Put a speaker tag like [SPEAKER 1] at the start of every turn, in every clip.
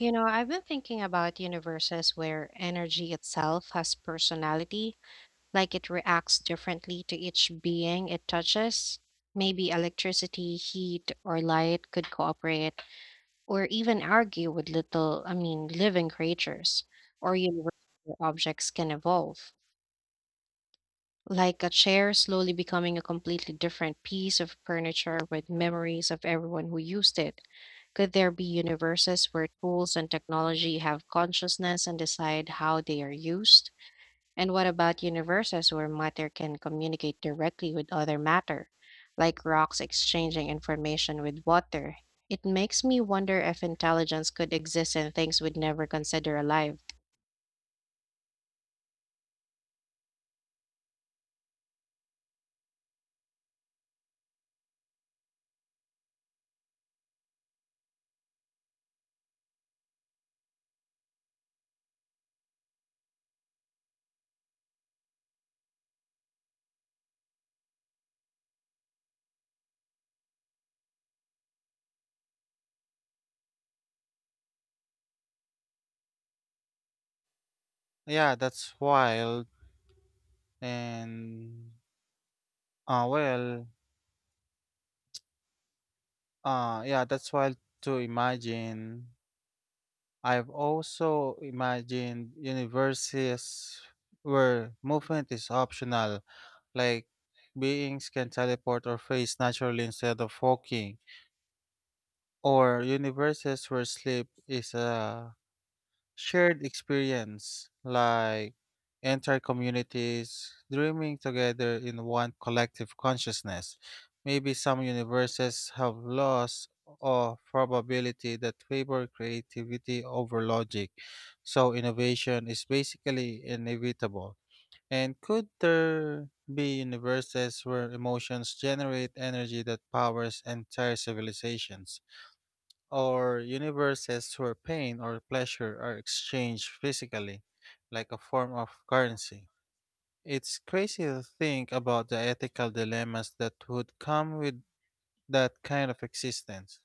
[SPEAKER 1] You know, I've been thinking about universes where energy itself has personality, like it reacts differently to each being it touches. Maybe electricity, heat, or light could cooperate or even argue with little, I mean, living creatures or universes where objects can evolve like a chair slowly becoming a completely different piece of furniture with memories of everyone who used it. Could there be universes where tools and technology have consciousness and decide how they are used? And what about universes where matter can communicate directly with other matter, like rocks exchanging information with water? It makes me wonder if intelligence could exist in things we'd never consider alive.
[SPEAKER 2] Yeah, that's wild. And uh well, uh yeah, that's wild to imagine. I've also imagined universes where movement is optional, like beings can teleport or phase naturally instead of walking, or universes where sleep is a shared experience, like entire communities dreaming together in one collective consciousness. Maybe some universes have laws of probability that favor creativity over logic, so innovation is basically inevitable. And could there be universes where emotions generate energy that powers entire civilizations? Or universes where pain or pleasure are exchanged physically, like a form of currency. It's crazy to think about the ethical dilemmas that would come with that kind of existence.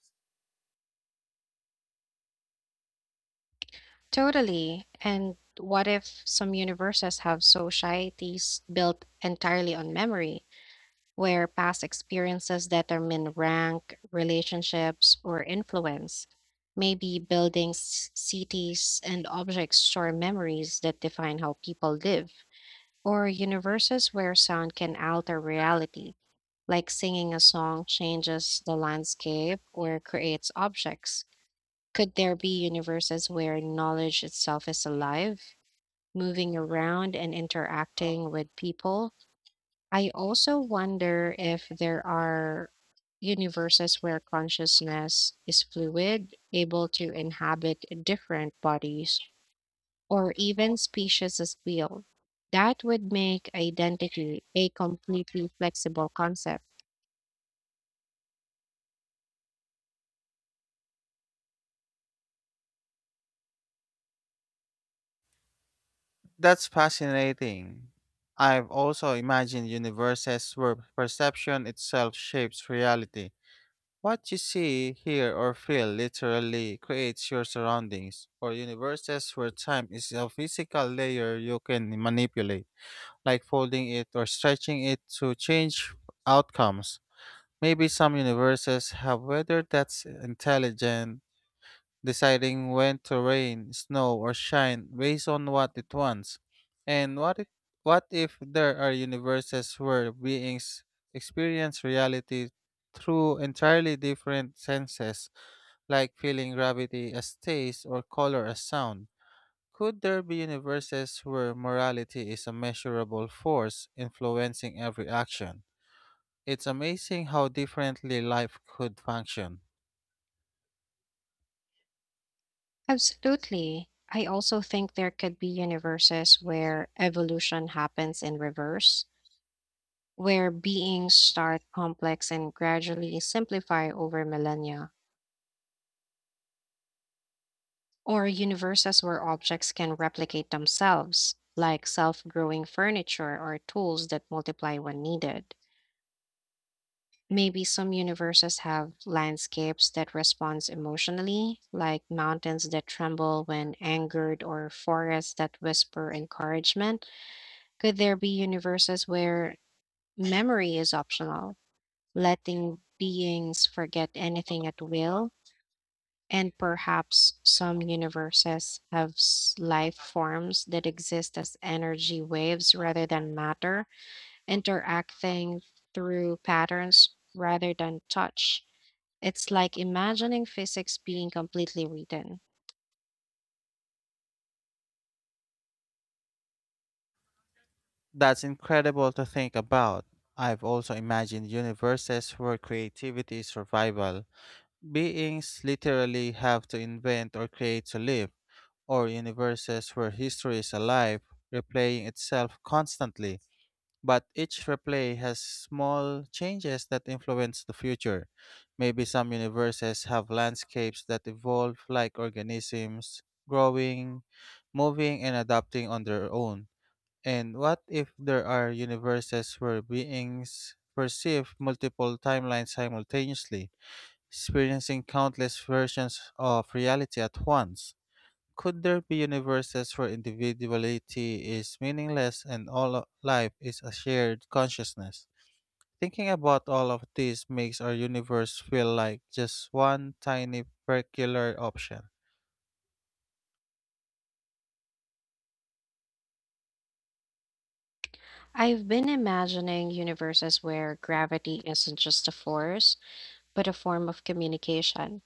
[SPEAKER 1] Totally. And what if some universes have societies built entirely on memory, where past experiences determine rank, relationships, or influence? Maybe buildings, cities, and objects store memories that define how people live, or universes where sound can alter reality, like singing a song changes the landscape or creates objects. Could there be universes where knowledge itself is alive, moving around and interacting with people? I also wonder if there are universes where consciousness is fluid, able to inhabit different bodies, or even species as well. That would make identity a completely flexible concept.
[SPEAKER 2] That's fascinating. I've also imagined universes where perception itself shapes reality. What you see, hear, or feel literally creates your surroundings, or universes where time is a physical layer you can manipulate, like folding it or stretching it to change outcomes. Maybe some universes have weather that's intelligent, deciding when to rain, snow, or shine based on what it wants. And what if there are universes where beings experience reality through entirely different senses, like feeling gravity as taste or color as sound? Could there be universes where morality is a measurable force influencing every action? It's amazing how differently life could function.
[SPEAKER 1] Absolutely. I also think there could be universes where evolution happens in reverse, where beings start complex and gradually simplify over millennia, or universes where objects can replicate themselves, like self growing furniture or tools that multiply when needed. Maybe some universes have landscapes that respond emotionally, like mountains that tremble when angered or forests that whisper encouragement. Could there be universes where memory is optional, letting beings forget anything at will? And perhaps some universes have life forms that exist as energy waves rather than matter, interacting through patterns rather than touch. It's like imagining physics being completely written.
[SPEAKER 2] That's incredible to think about. I've also imagined universes where creativity is survival. Beings literally have to invent or create to live, or universes where history is alive, replaying itself constantly, but each replay has small changes that influence the future. Maybe some universes have landscapes that evolve like organisms, growing, moving, and adapting on their own. And what if there are universes where beings perceive multiple timelines simultaneously, experiencing countless versions of reality at once? Could there be universes where individuality is meaningless and life is a shared consciousness? Thinking about all of this makes our universe feel like just one tiny particular option.
[SPEAKER 1] I've been imagining universes where gravity isn't just a force, but a form of communication.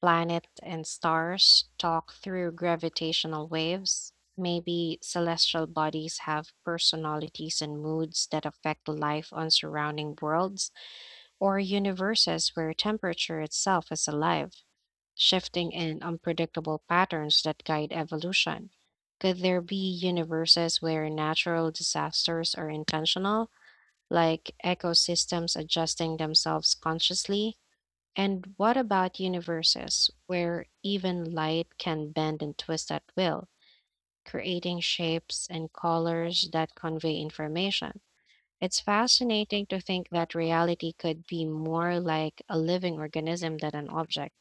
[SPEAKER 1] Planet and stars talk through gravitational waves. Maybe celestial bodies have personalities and moods that affect life on surrounding worlds or universes where temperature itself is alive, shifting in unpredictable patterns that guide evolution. Could there be universes where natural disasters are intentional, like ecosystems adjusting themselves consciously? And what about universes where even light can bend and twist at will, creating shapes and colors that convey information? It's fascinating to think that reality could be more like a living organism than an object.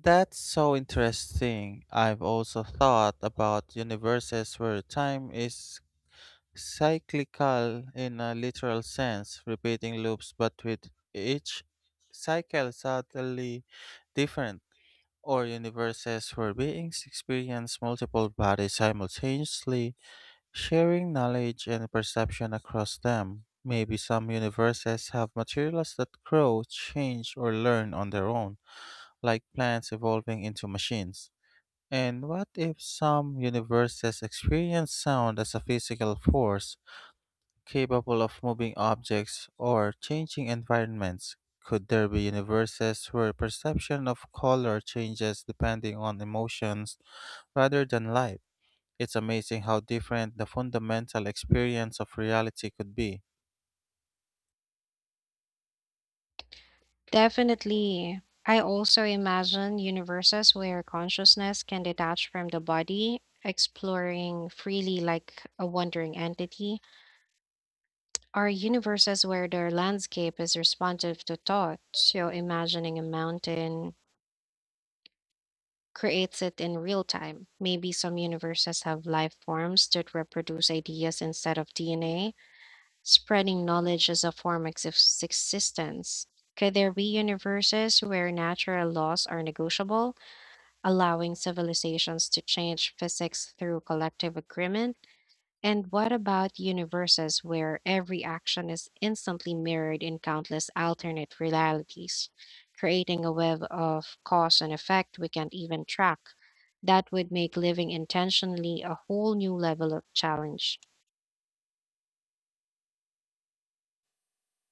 [SPEAKER 2] That's so interesting. I've also thought about universes where time is cyclical in a literal sense, repeating loops but with each cycle subtly different, or universes where beings experience multiple bodies simultaneously, sharing knowledge and perception across them. Maybe some universes have materials that grow, change, or learn on their own, like plants evolving into machines. And what if some universes experience sound as a physical force capable of moving objects or changing environments? Could there be universes where perception of color changes depending on emotions rather than light? It's amazing how different the fundamental experience of reality could be.
[SPEAKER 1] Definitely. I also imagine universes where consciousness can detach from the body, exploring freely like a wandering entity. Are universes where their landscape is responsive to thought. So imagining a mountain creates it in real time. Maybe some universes have life forms that reproduce ideas instead of DNA, spreading knowledge as a form of existence. Could there be universes where natural laws are negotiable, allowing civilizations to change physics through collective agreement? And what about universes where every action is instantly mirrored in countless alternate realities, creating a web of cause and effect we can't even track? That would make living intentionally a whole new level of challenge.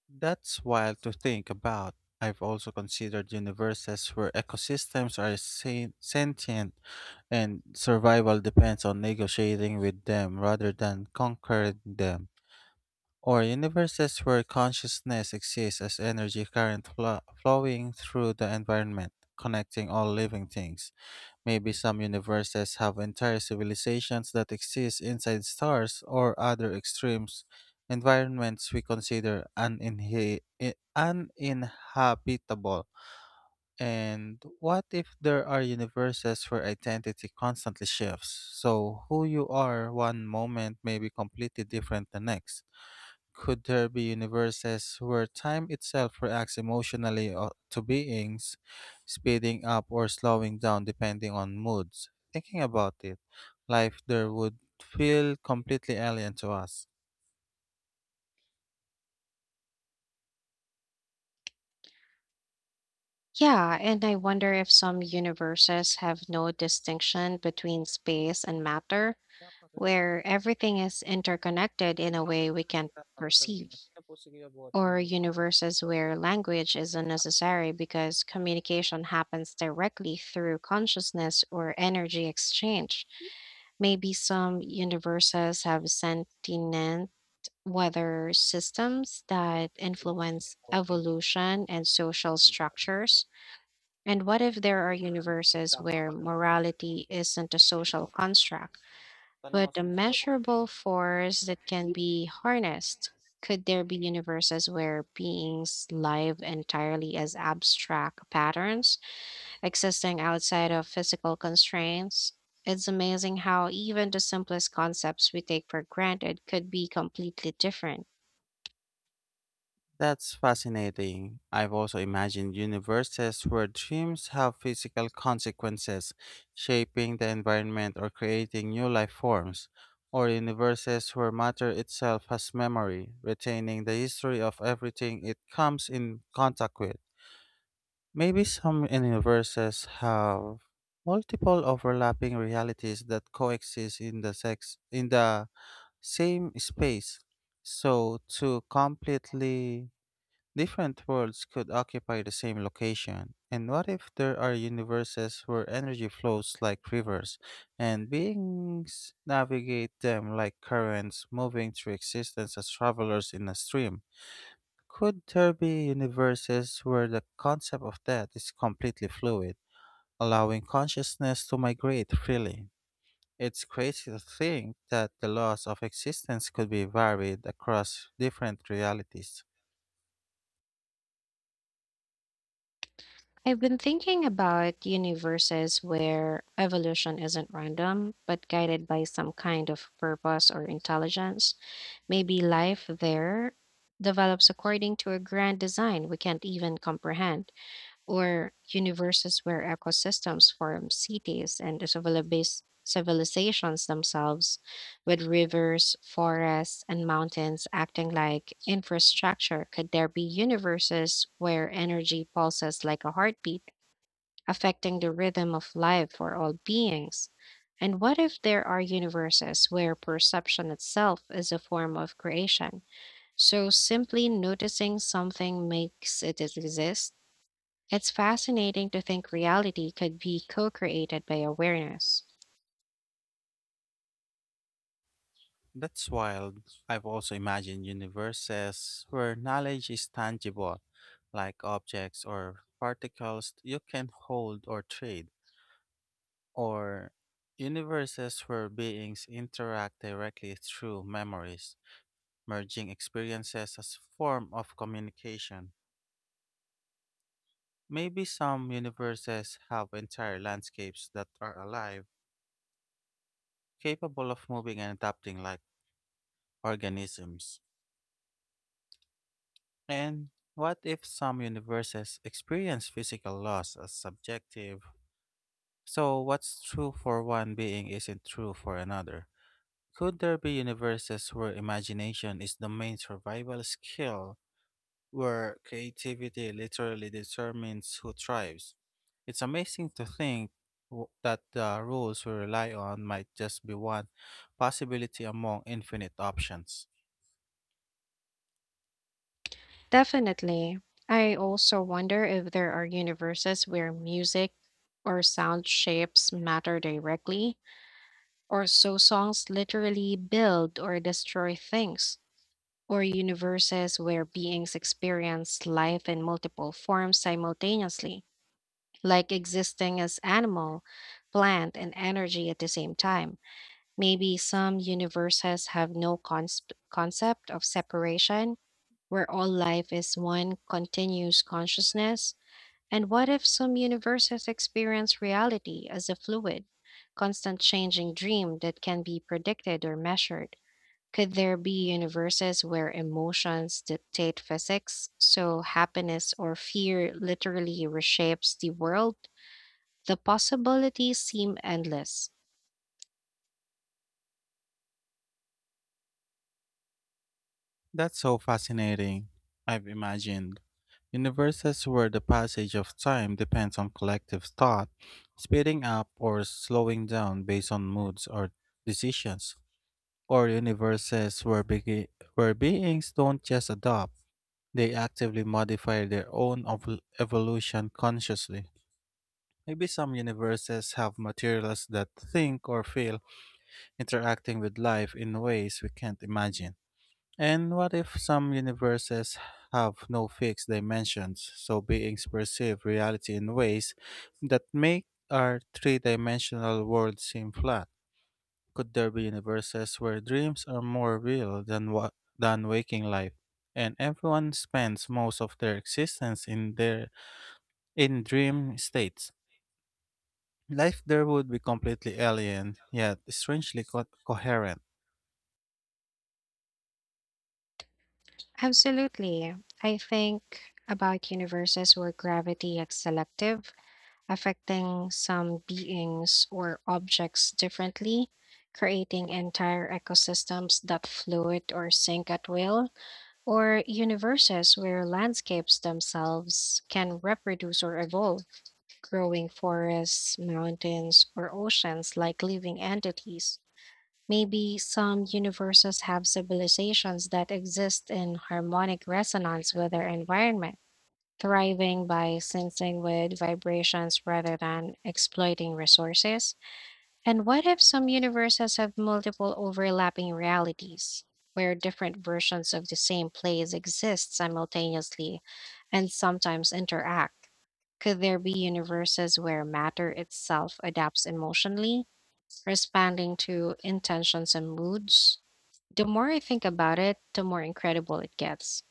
[SPEAKER 2] That's wild to think about. I've also considered universes where ecosystems are sentient and survival depends on negotiating with them rather than conquering them, or universes where consciousness exists as energy current flowing through the environment, connecting all living things. Maybe some universes have entire civilizations that exist inside stars or other extremes, environments we consider uninhabitable. And what if there are universes where identity constantly shifts? So, who you are one moment may be completely different the next. Could there be universes where time itself reacts emotionally to beings, speeding up or slowing down depending on moods? Thinking about it, life there would feel completely alien to us.
[SPEAKER 1] Yeah, and I wonder if some universes have no distinction between space and matter,
[SPEAKER 2] Dapat, alam mo,
[SPEAKER 1] where everything is interconnected in a way we
[SPEAKER 2] nagkakaproblema,
[SPEAKER 1] can't
[SPEAKER 2] tignan mo, tapos sabihin
[SPEAKER 1] perceive,
[SPEAKER 2] mo, sino po sige abuhat
[SPEAKER 1] or
[SPEAKER 2] hindi?
[SPEAKER 1] universes where language is unnecessary because communication happens directly through consciousness or energy exchange. Maybe some universes have sentient weather systems that influence evolution and social structures. And what if there are universes where morality isn't a social construct, but a measurable force that can be harnessed? Could there be universes where beings live entirely as abstract patterns, existing outside of physical constraints? It's amazing how even the simplest concepts we take for granted could be completely different.
[SPEAKER 2] That's fascinating. I've also imagined universes where dreams have physical consequences, shaping the environment or creating new life forms, or universes where matter itself has memory, retaining the history of everything it comes in contact with. Maybe some universes have multiple overlapping realities that coexist in the sex in the same space, so to completely different worlds could occupy the same location. And what if there are universes where energy flows like rivers and beings navigate them like currents, moving through existence as travelers in a stream? Could there be universes where the concept of death is completely fluid, allowing consciousness to migrate freely? It's crazy to think that the laws of existence could be varied across different realities.
[SPEAKER 1] I've been thinking about universes where evolution isn't random, but guided by some kind of purpose or intelligence. Maybe life there develops according to a grand design we can't even comprehend, or universes where ecosystems form cities and civilizations themselves, with rivers, forests, and mountains acting like infrastructure. Could there be universes where energy pulses like a heartbeat, affecting the rhythm of life for all beings? And what if there are universes where perception itself is a form of creation, so simply noticing something makes it exist? It's fascinating to think reality could be co created by awareness.
[SPEAKER 2] That's wild. I've also imagined universes where knowledge is tangible, like objects or particles you can hold or trade, or universes where beings interact directly through memories, merging experiences as form of communication. Maybe some universes have entire landscapes that are alive, capable of moving and adapting like organisms. And what if some universes experience physical loss as subjective? So, what's true for one being isn't true for another? Could there be universes where imagination is the main survival skill, where creativity literally determines who thrives? It's amazing to think that the rules we rely on might just be one possibility among infinite options.
[SPEAKER 1] Definitely. I also wonder if there are universes where music or sound shapes matter directly, or so songs literally build or destroy things, or universes where beings experience life in multiple forms simultaneously, like existing as animal, plant, and energy at the same time. Maybe some universes have no concept of separation, where all life is one continuous consciousness. And what if some universes experience reality as a fluid, constant changing dream that can be predicted or measured? Could there be universes where emotions dictate physics, so happiness or fear literally reshapes the world? The possibilities seem endless.
[SPEAKER 2] That's so fascinating. I've imagined universes where the passage of time depends on collective thought, speeding up or slowing down based on moods or decisions, or universes where, where beings don't just adopt, they actively modify their own evolution consciously. Maybe some universes have materials that think or feel, interacting with life in ways we can't imagine. And what if some universes have no fixed dimensions, so beings perceive reality in ways that make our three dimensional world seem flat? Could there be universes where dreams are more real than, than waking life, and everyone spends most of their existence in dream states? Life there would be completely alien, yet strangely coherent.
[SPEAKER 1] Absolutely. I think about universes where gravity is selective affecting some beings or objects differently, creating entire ecosystems that float or sink at will, or universes where landscapes themselves can reproduce or evolve, growing forests, mountains, or oceans like living entities. Maybe some universes have civilizations that exist in harmonic resonance with their environment thriving by sensing with vibrations rather than exploiting resources? And what if some universes have multiple overlapping realities, where different versions of the same place exist simultaneously and sometimes interact? Could there be universes where matter itself adapts emotionally, responding to intentions and moods? The more I think about it, the more incredible it gets.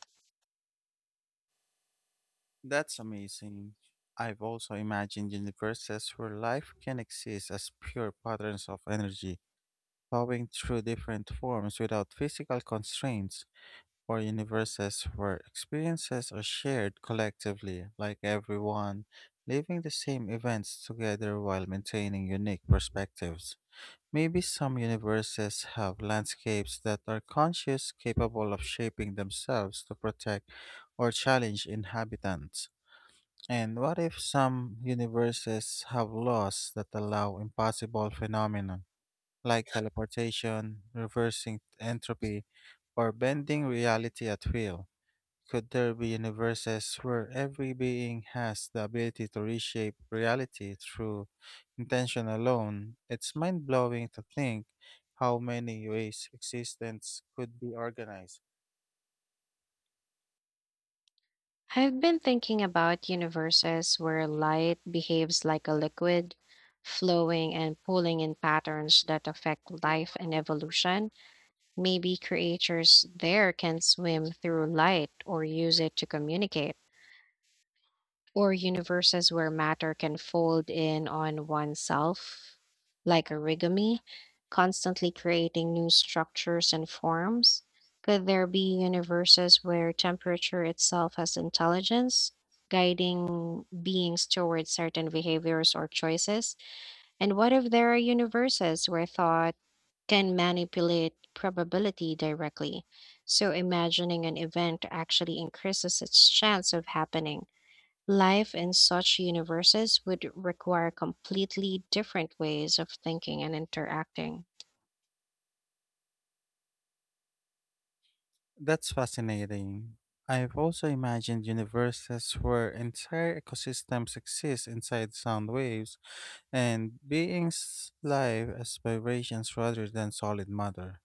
[SPEAKER 2] That's amazing. I've also imagined universes where life can exist as pure patterns of energy, flowing through different forms without physical constraints, or universes where experiences are shared collectively, like everyone living the same events together while maintaining unique perspectives. Maybe some universes have landscapes that are conscious, capable of shaping themselves to protect or challenge inhabitants. And what if some universes have laws that allow impossible phenomena like teleportation, reversing entropy, or bending reality at will? Could there be universes where every being has the ability to reshape reality through intention alone? It's mind blowing to think how many ways existence could be organized.
[SPEAKER 1] I've been thinking about universes where light behaves like a liquid, flowing and pooling in patterns that affect life and evolution. Maybe creatures there can swim through light or use it to communicate or universes where matter can fold in on oneself like origami, constantly creating new structures and forms? Could there be universes where temperature itself has intelligence, guiding beings towards certain behaviors or choices? And what if there are universes where thought can manipulate probability directly, so imagining an event actually increases its chance of happening? Life in such universes would require completely different ways of thinking and interacting.
[SPEAKER 2] That's fascinating. I've also imagined universes where entire ecosystems exist inside sound waves and beings live as vibrations rather than solid matter,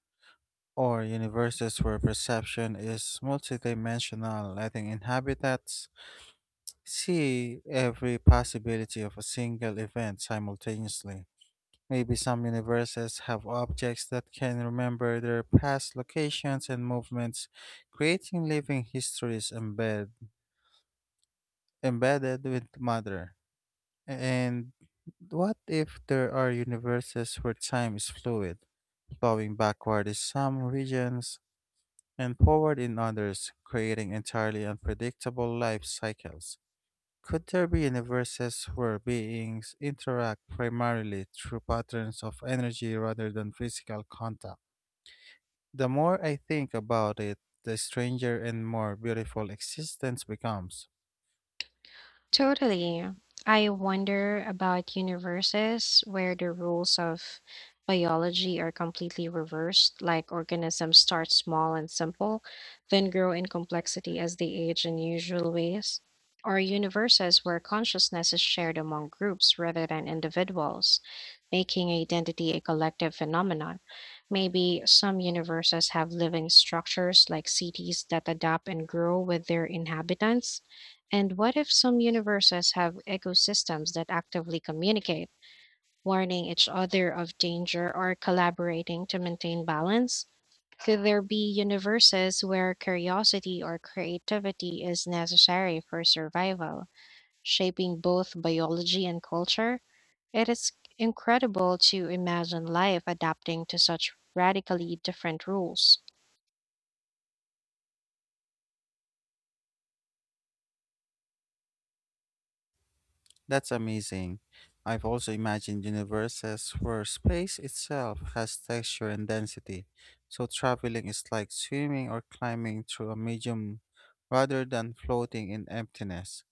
[SPEAKER 2] or universes where perception is multidimensional, letting inhabitants see every possibility of a single event simultaneously. Maybe some universes have objects that can remember their past locations and movements, creating living histories embedded with matter. And what if there are universes where time is fluid, flowing backward in some regions and forward in others, creating entirely unpredictable life cycles? Could there be universes where beings interact primarily through patterns of energy rather than physical contact? The more I think about it, the stranger and more beautiful existence becomes.
[SPEAKER 1] Totally. I wonder about universes where the rules of biology are completely reversed, like organisms start small and simple, then grow in complexity as they age in usual ways, or universes where consciousness is shared among groups rather than individuals, making identity a collective phenomenon. Maybe some universes have living structures like cities that adapt and grow with their inhabitants and what if some universes have ecosystems that actively communicate, warning each other of danger or collaborating to maintain balance? Could there be universes where curiosity or creativity is necessary for survival, shaping both biology and culture? It is incredible to imagine life adapting to such radically different rules.
[SPEAKER 2] That's amazing. I've also imagined universes where space itself has texture and density, so traveling is like swimming or climbing through a medium rather than floating in emptiness.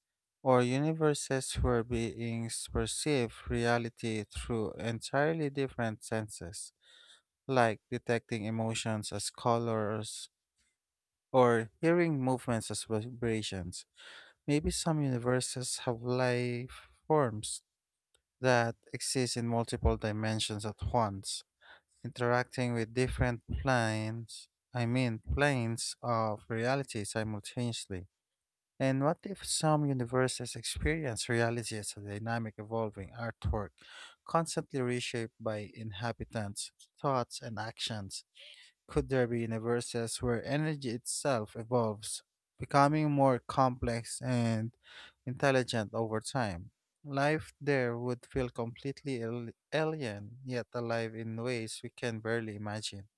[SPEAKER 2] Or universes where beings perceive reality through entirely different senses, like detecting emotions as colors or hearing movements as vibrations. Maybe some universes have life forms that exist in multiple dimensions at once, interacting with different planes, I mean, planes of reality simultaneously. And what if some universes experience reality as a dynamic, evolving artwork, constantly reshaped by inhabitants' thoughts and actions? Could there be universes where energy itself evolves, becoming more complex and intelligent over time? Life there would feel completely alien, yet alive in ways we can barely imagine.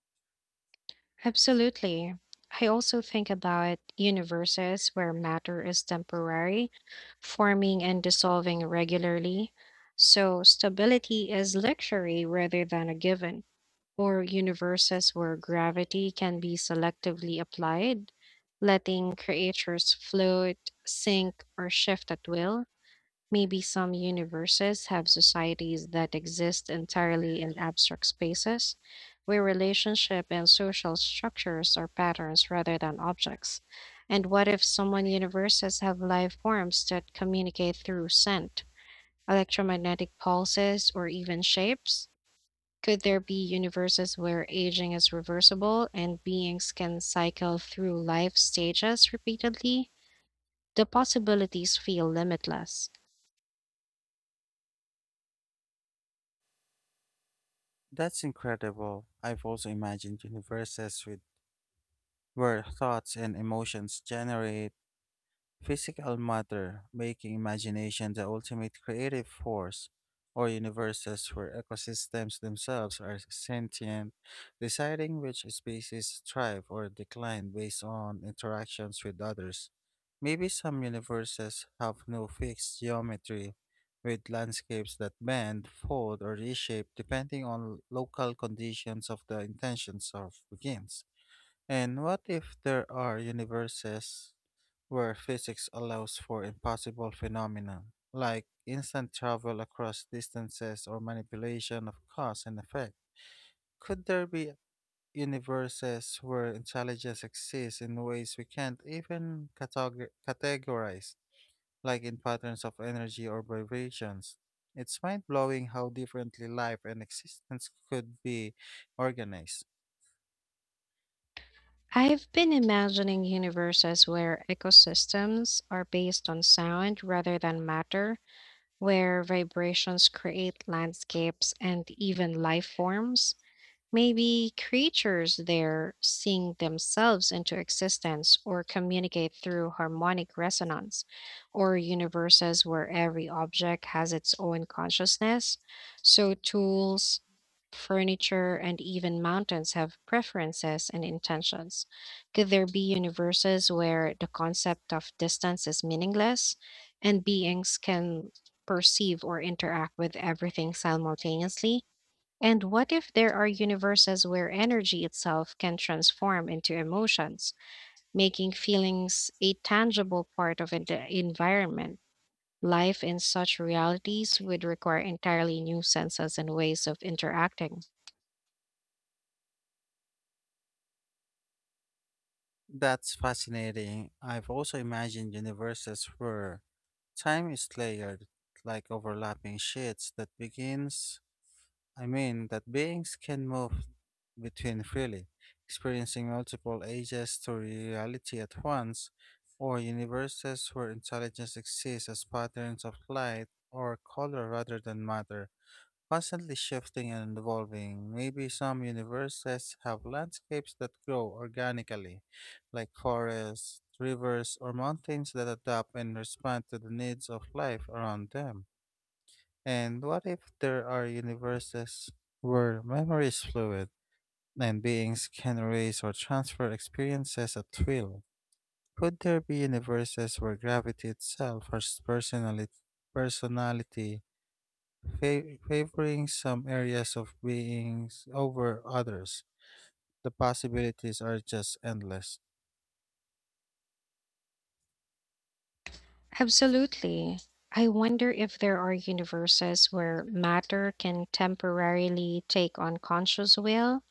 [SPEAKER 1] Absolutely. I also think about universes where matter is temporary, forming and dissolving regularly. So stability is luxury rather than a given, or universes where gravity can be selectively applied, letting creatures float, sink, or shift at will. Maybe some universes have societies that exist entirely in abstract spaces, where relationship and social structures are patterns rather than objects. And what if some universes have life forms that communicate through scent, electromagnetic pulses, or even shapes? Could there be universes where aging is reversible and beings can cycle through life stages repeatedly? The possibilities feel limitless.
[SPEAKER 2] That's incredible. I've also imagined universes with where thoughts and emotions generate physical matter, making imagination the ultimate creative force, or universes where ecosystems themselves are sentient, deciding which species thrive or decline based on interactions with others. Maybe some universes have no fixed geometry, with landscapes that bend, fold, or reshape depending on local conditions of the intentions of beings. And what if there are universes where physics allows for impossible phenomena, like instant travel across distances or manipulation of cause and effect. Could there be universes where intelligence exists in ways we can't even categorize, like in patterns of energy or vibrations? It's mind blowing how differently life and existence could be organized.
[SPEAKER 1] I've been imagining universes where ecosystems are based on sound rather than matter, where vibrations create landscapes and even life forms. Maybe creatures there sing themselves into existence or communicate through harmonic resonance, or universes where every object has its own consciousness. So, tools, furniture, and even mountains have preferences and intentions. Could there be universes where the concept of distance is meaningless and beings can perceive or interact with everything simultaneously? And what if there are universes where energy itself can transform into emotions, making feelings a tangible part of an the environment? Life in such realities would require entirely new senses and ways of interacting.
[SPEAKER 2] That's fascinating. I've also imagined universes where time is layered, like overlapping sheets that that beings can move between freely, experiencing multiple ages to reality at once, or universes where intelligence exists as patterns of light or color rather than matter, constantly shifting and evolving. Maybe some universes have landscapes that grow organically, like forests, rivers, or mountains that adapt and respond to the needs of life around them. And what if there are universes where memory is fluid and beings can erase or transfer experiences at will? Could there be universes where gravity itself has personality, personality favoring some areas of beings over others. The possibilities are just endless.
[SPEAKER 1] Absolutely. I wonder if there are universes where matter can temporarily take on conscious will,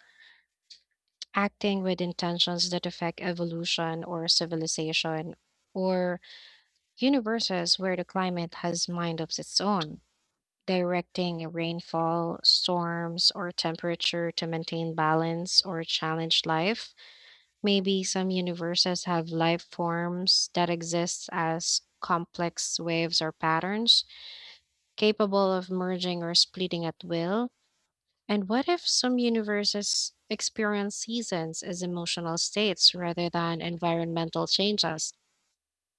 [SPEAKER 1] acting with intentions that affect evolution or civilization or universes where the climate has mind of its own, directing rainfall, storms, or temperature to maintain balance or challenge life. Maybe some universes have life forms that exist as complex waves or patterns, capable of merging or splitting at will. And what if some universes experience seasons as emotional states rather than environmental changes?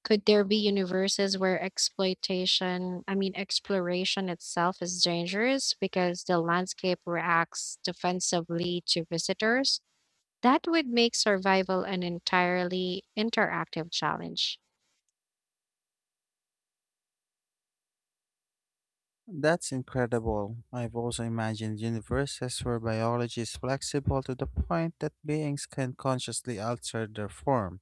[SPEAKER 1] Could there be universes where exploration itself is dangerous because the landscape reacts defensively to visitors? That would make survival an entirely interactive challenge.
[SPEAKER 2] That's incredible. I've also imagined universes where biology is flexible to the point that beings can consciously alter their form,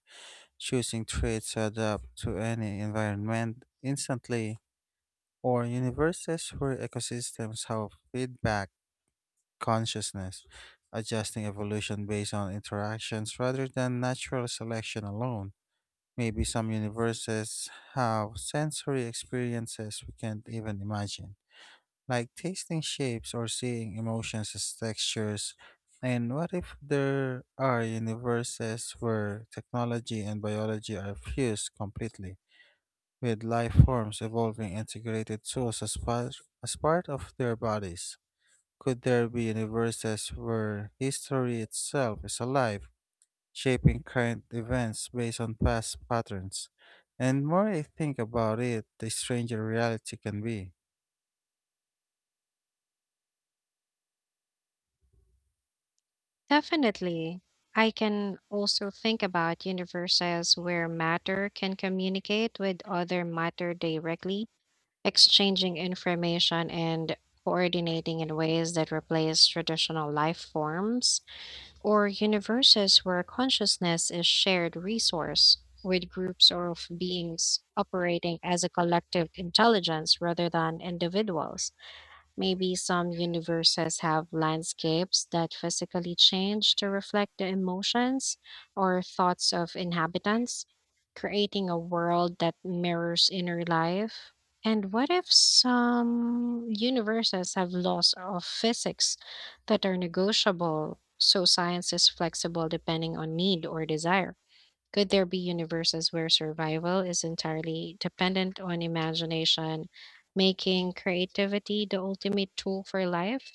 [SPEAKER 2] choosing traits to adapt to any environment instantly, or universes where ecosystems have feedback consciousness, adjusting evolution based on interactions rather than natural selection alone. Maybe some universes have sensory experiences we can't even imagine, like tasting shapes or seeing emotions as textures. And what if there are universes where technology and biology are fused completely, with life forms evolving integrated tools as part of their bodies? Could there be universes where history itself is alive, shaping current events based on past patterns? And more I think about it, the stranger reality can be.
[SPEAKER 1] Definitely. I can also think about universes where matter can communicate with other matter directly, exchanging information and coordinating in ways that replace traditional life forms, or universes where consciousness is shared resource with groups of beings operating as a collective intelligence rather than individuals. Maybe some universes have landscapes that physically change to reflect the emotions or thoughts of inhabitants, creating a world that mirrors inner life. And what if some universes have laws of physics that are negotiable, so science is flexible depending on need or desire? Could there be universes where survival is entirely dependent on imagination, making creativity the ultimate tool for life?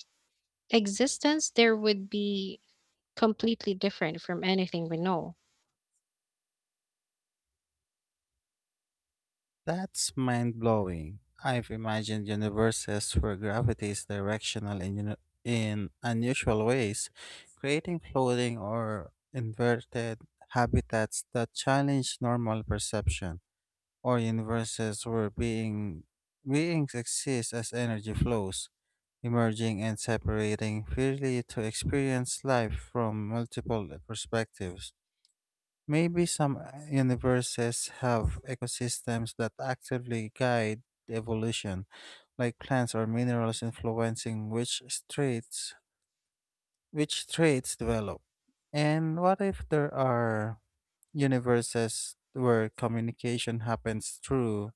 [SPEAKER 1] Existence there would be completely different from anything we know.
[SPEAKER 2] That's mind blowing. I've imagined universes where gravity is directional in unusual ways, creating floating or inverted habitats that challenge normal perception, or universes where beings exist as energy flows, emerging and separating freely to experience life from multiple perspectives. Maybe some universes have ecosystems that actively guide evolution, like plants or minerals influencing traits which traits develop. And what if there are universes where communication happens through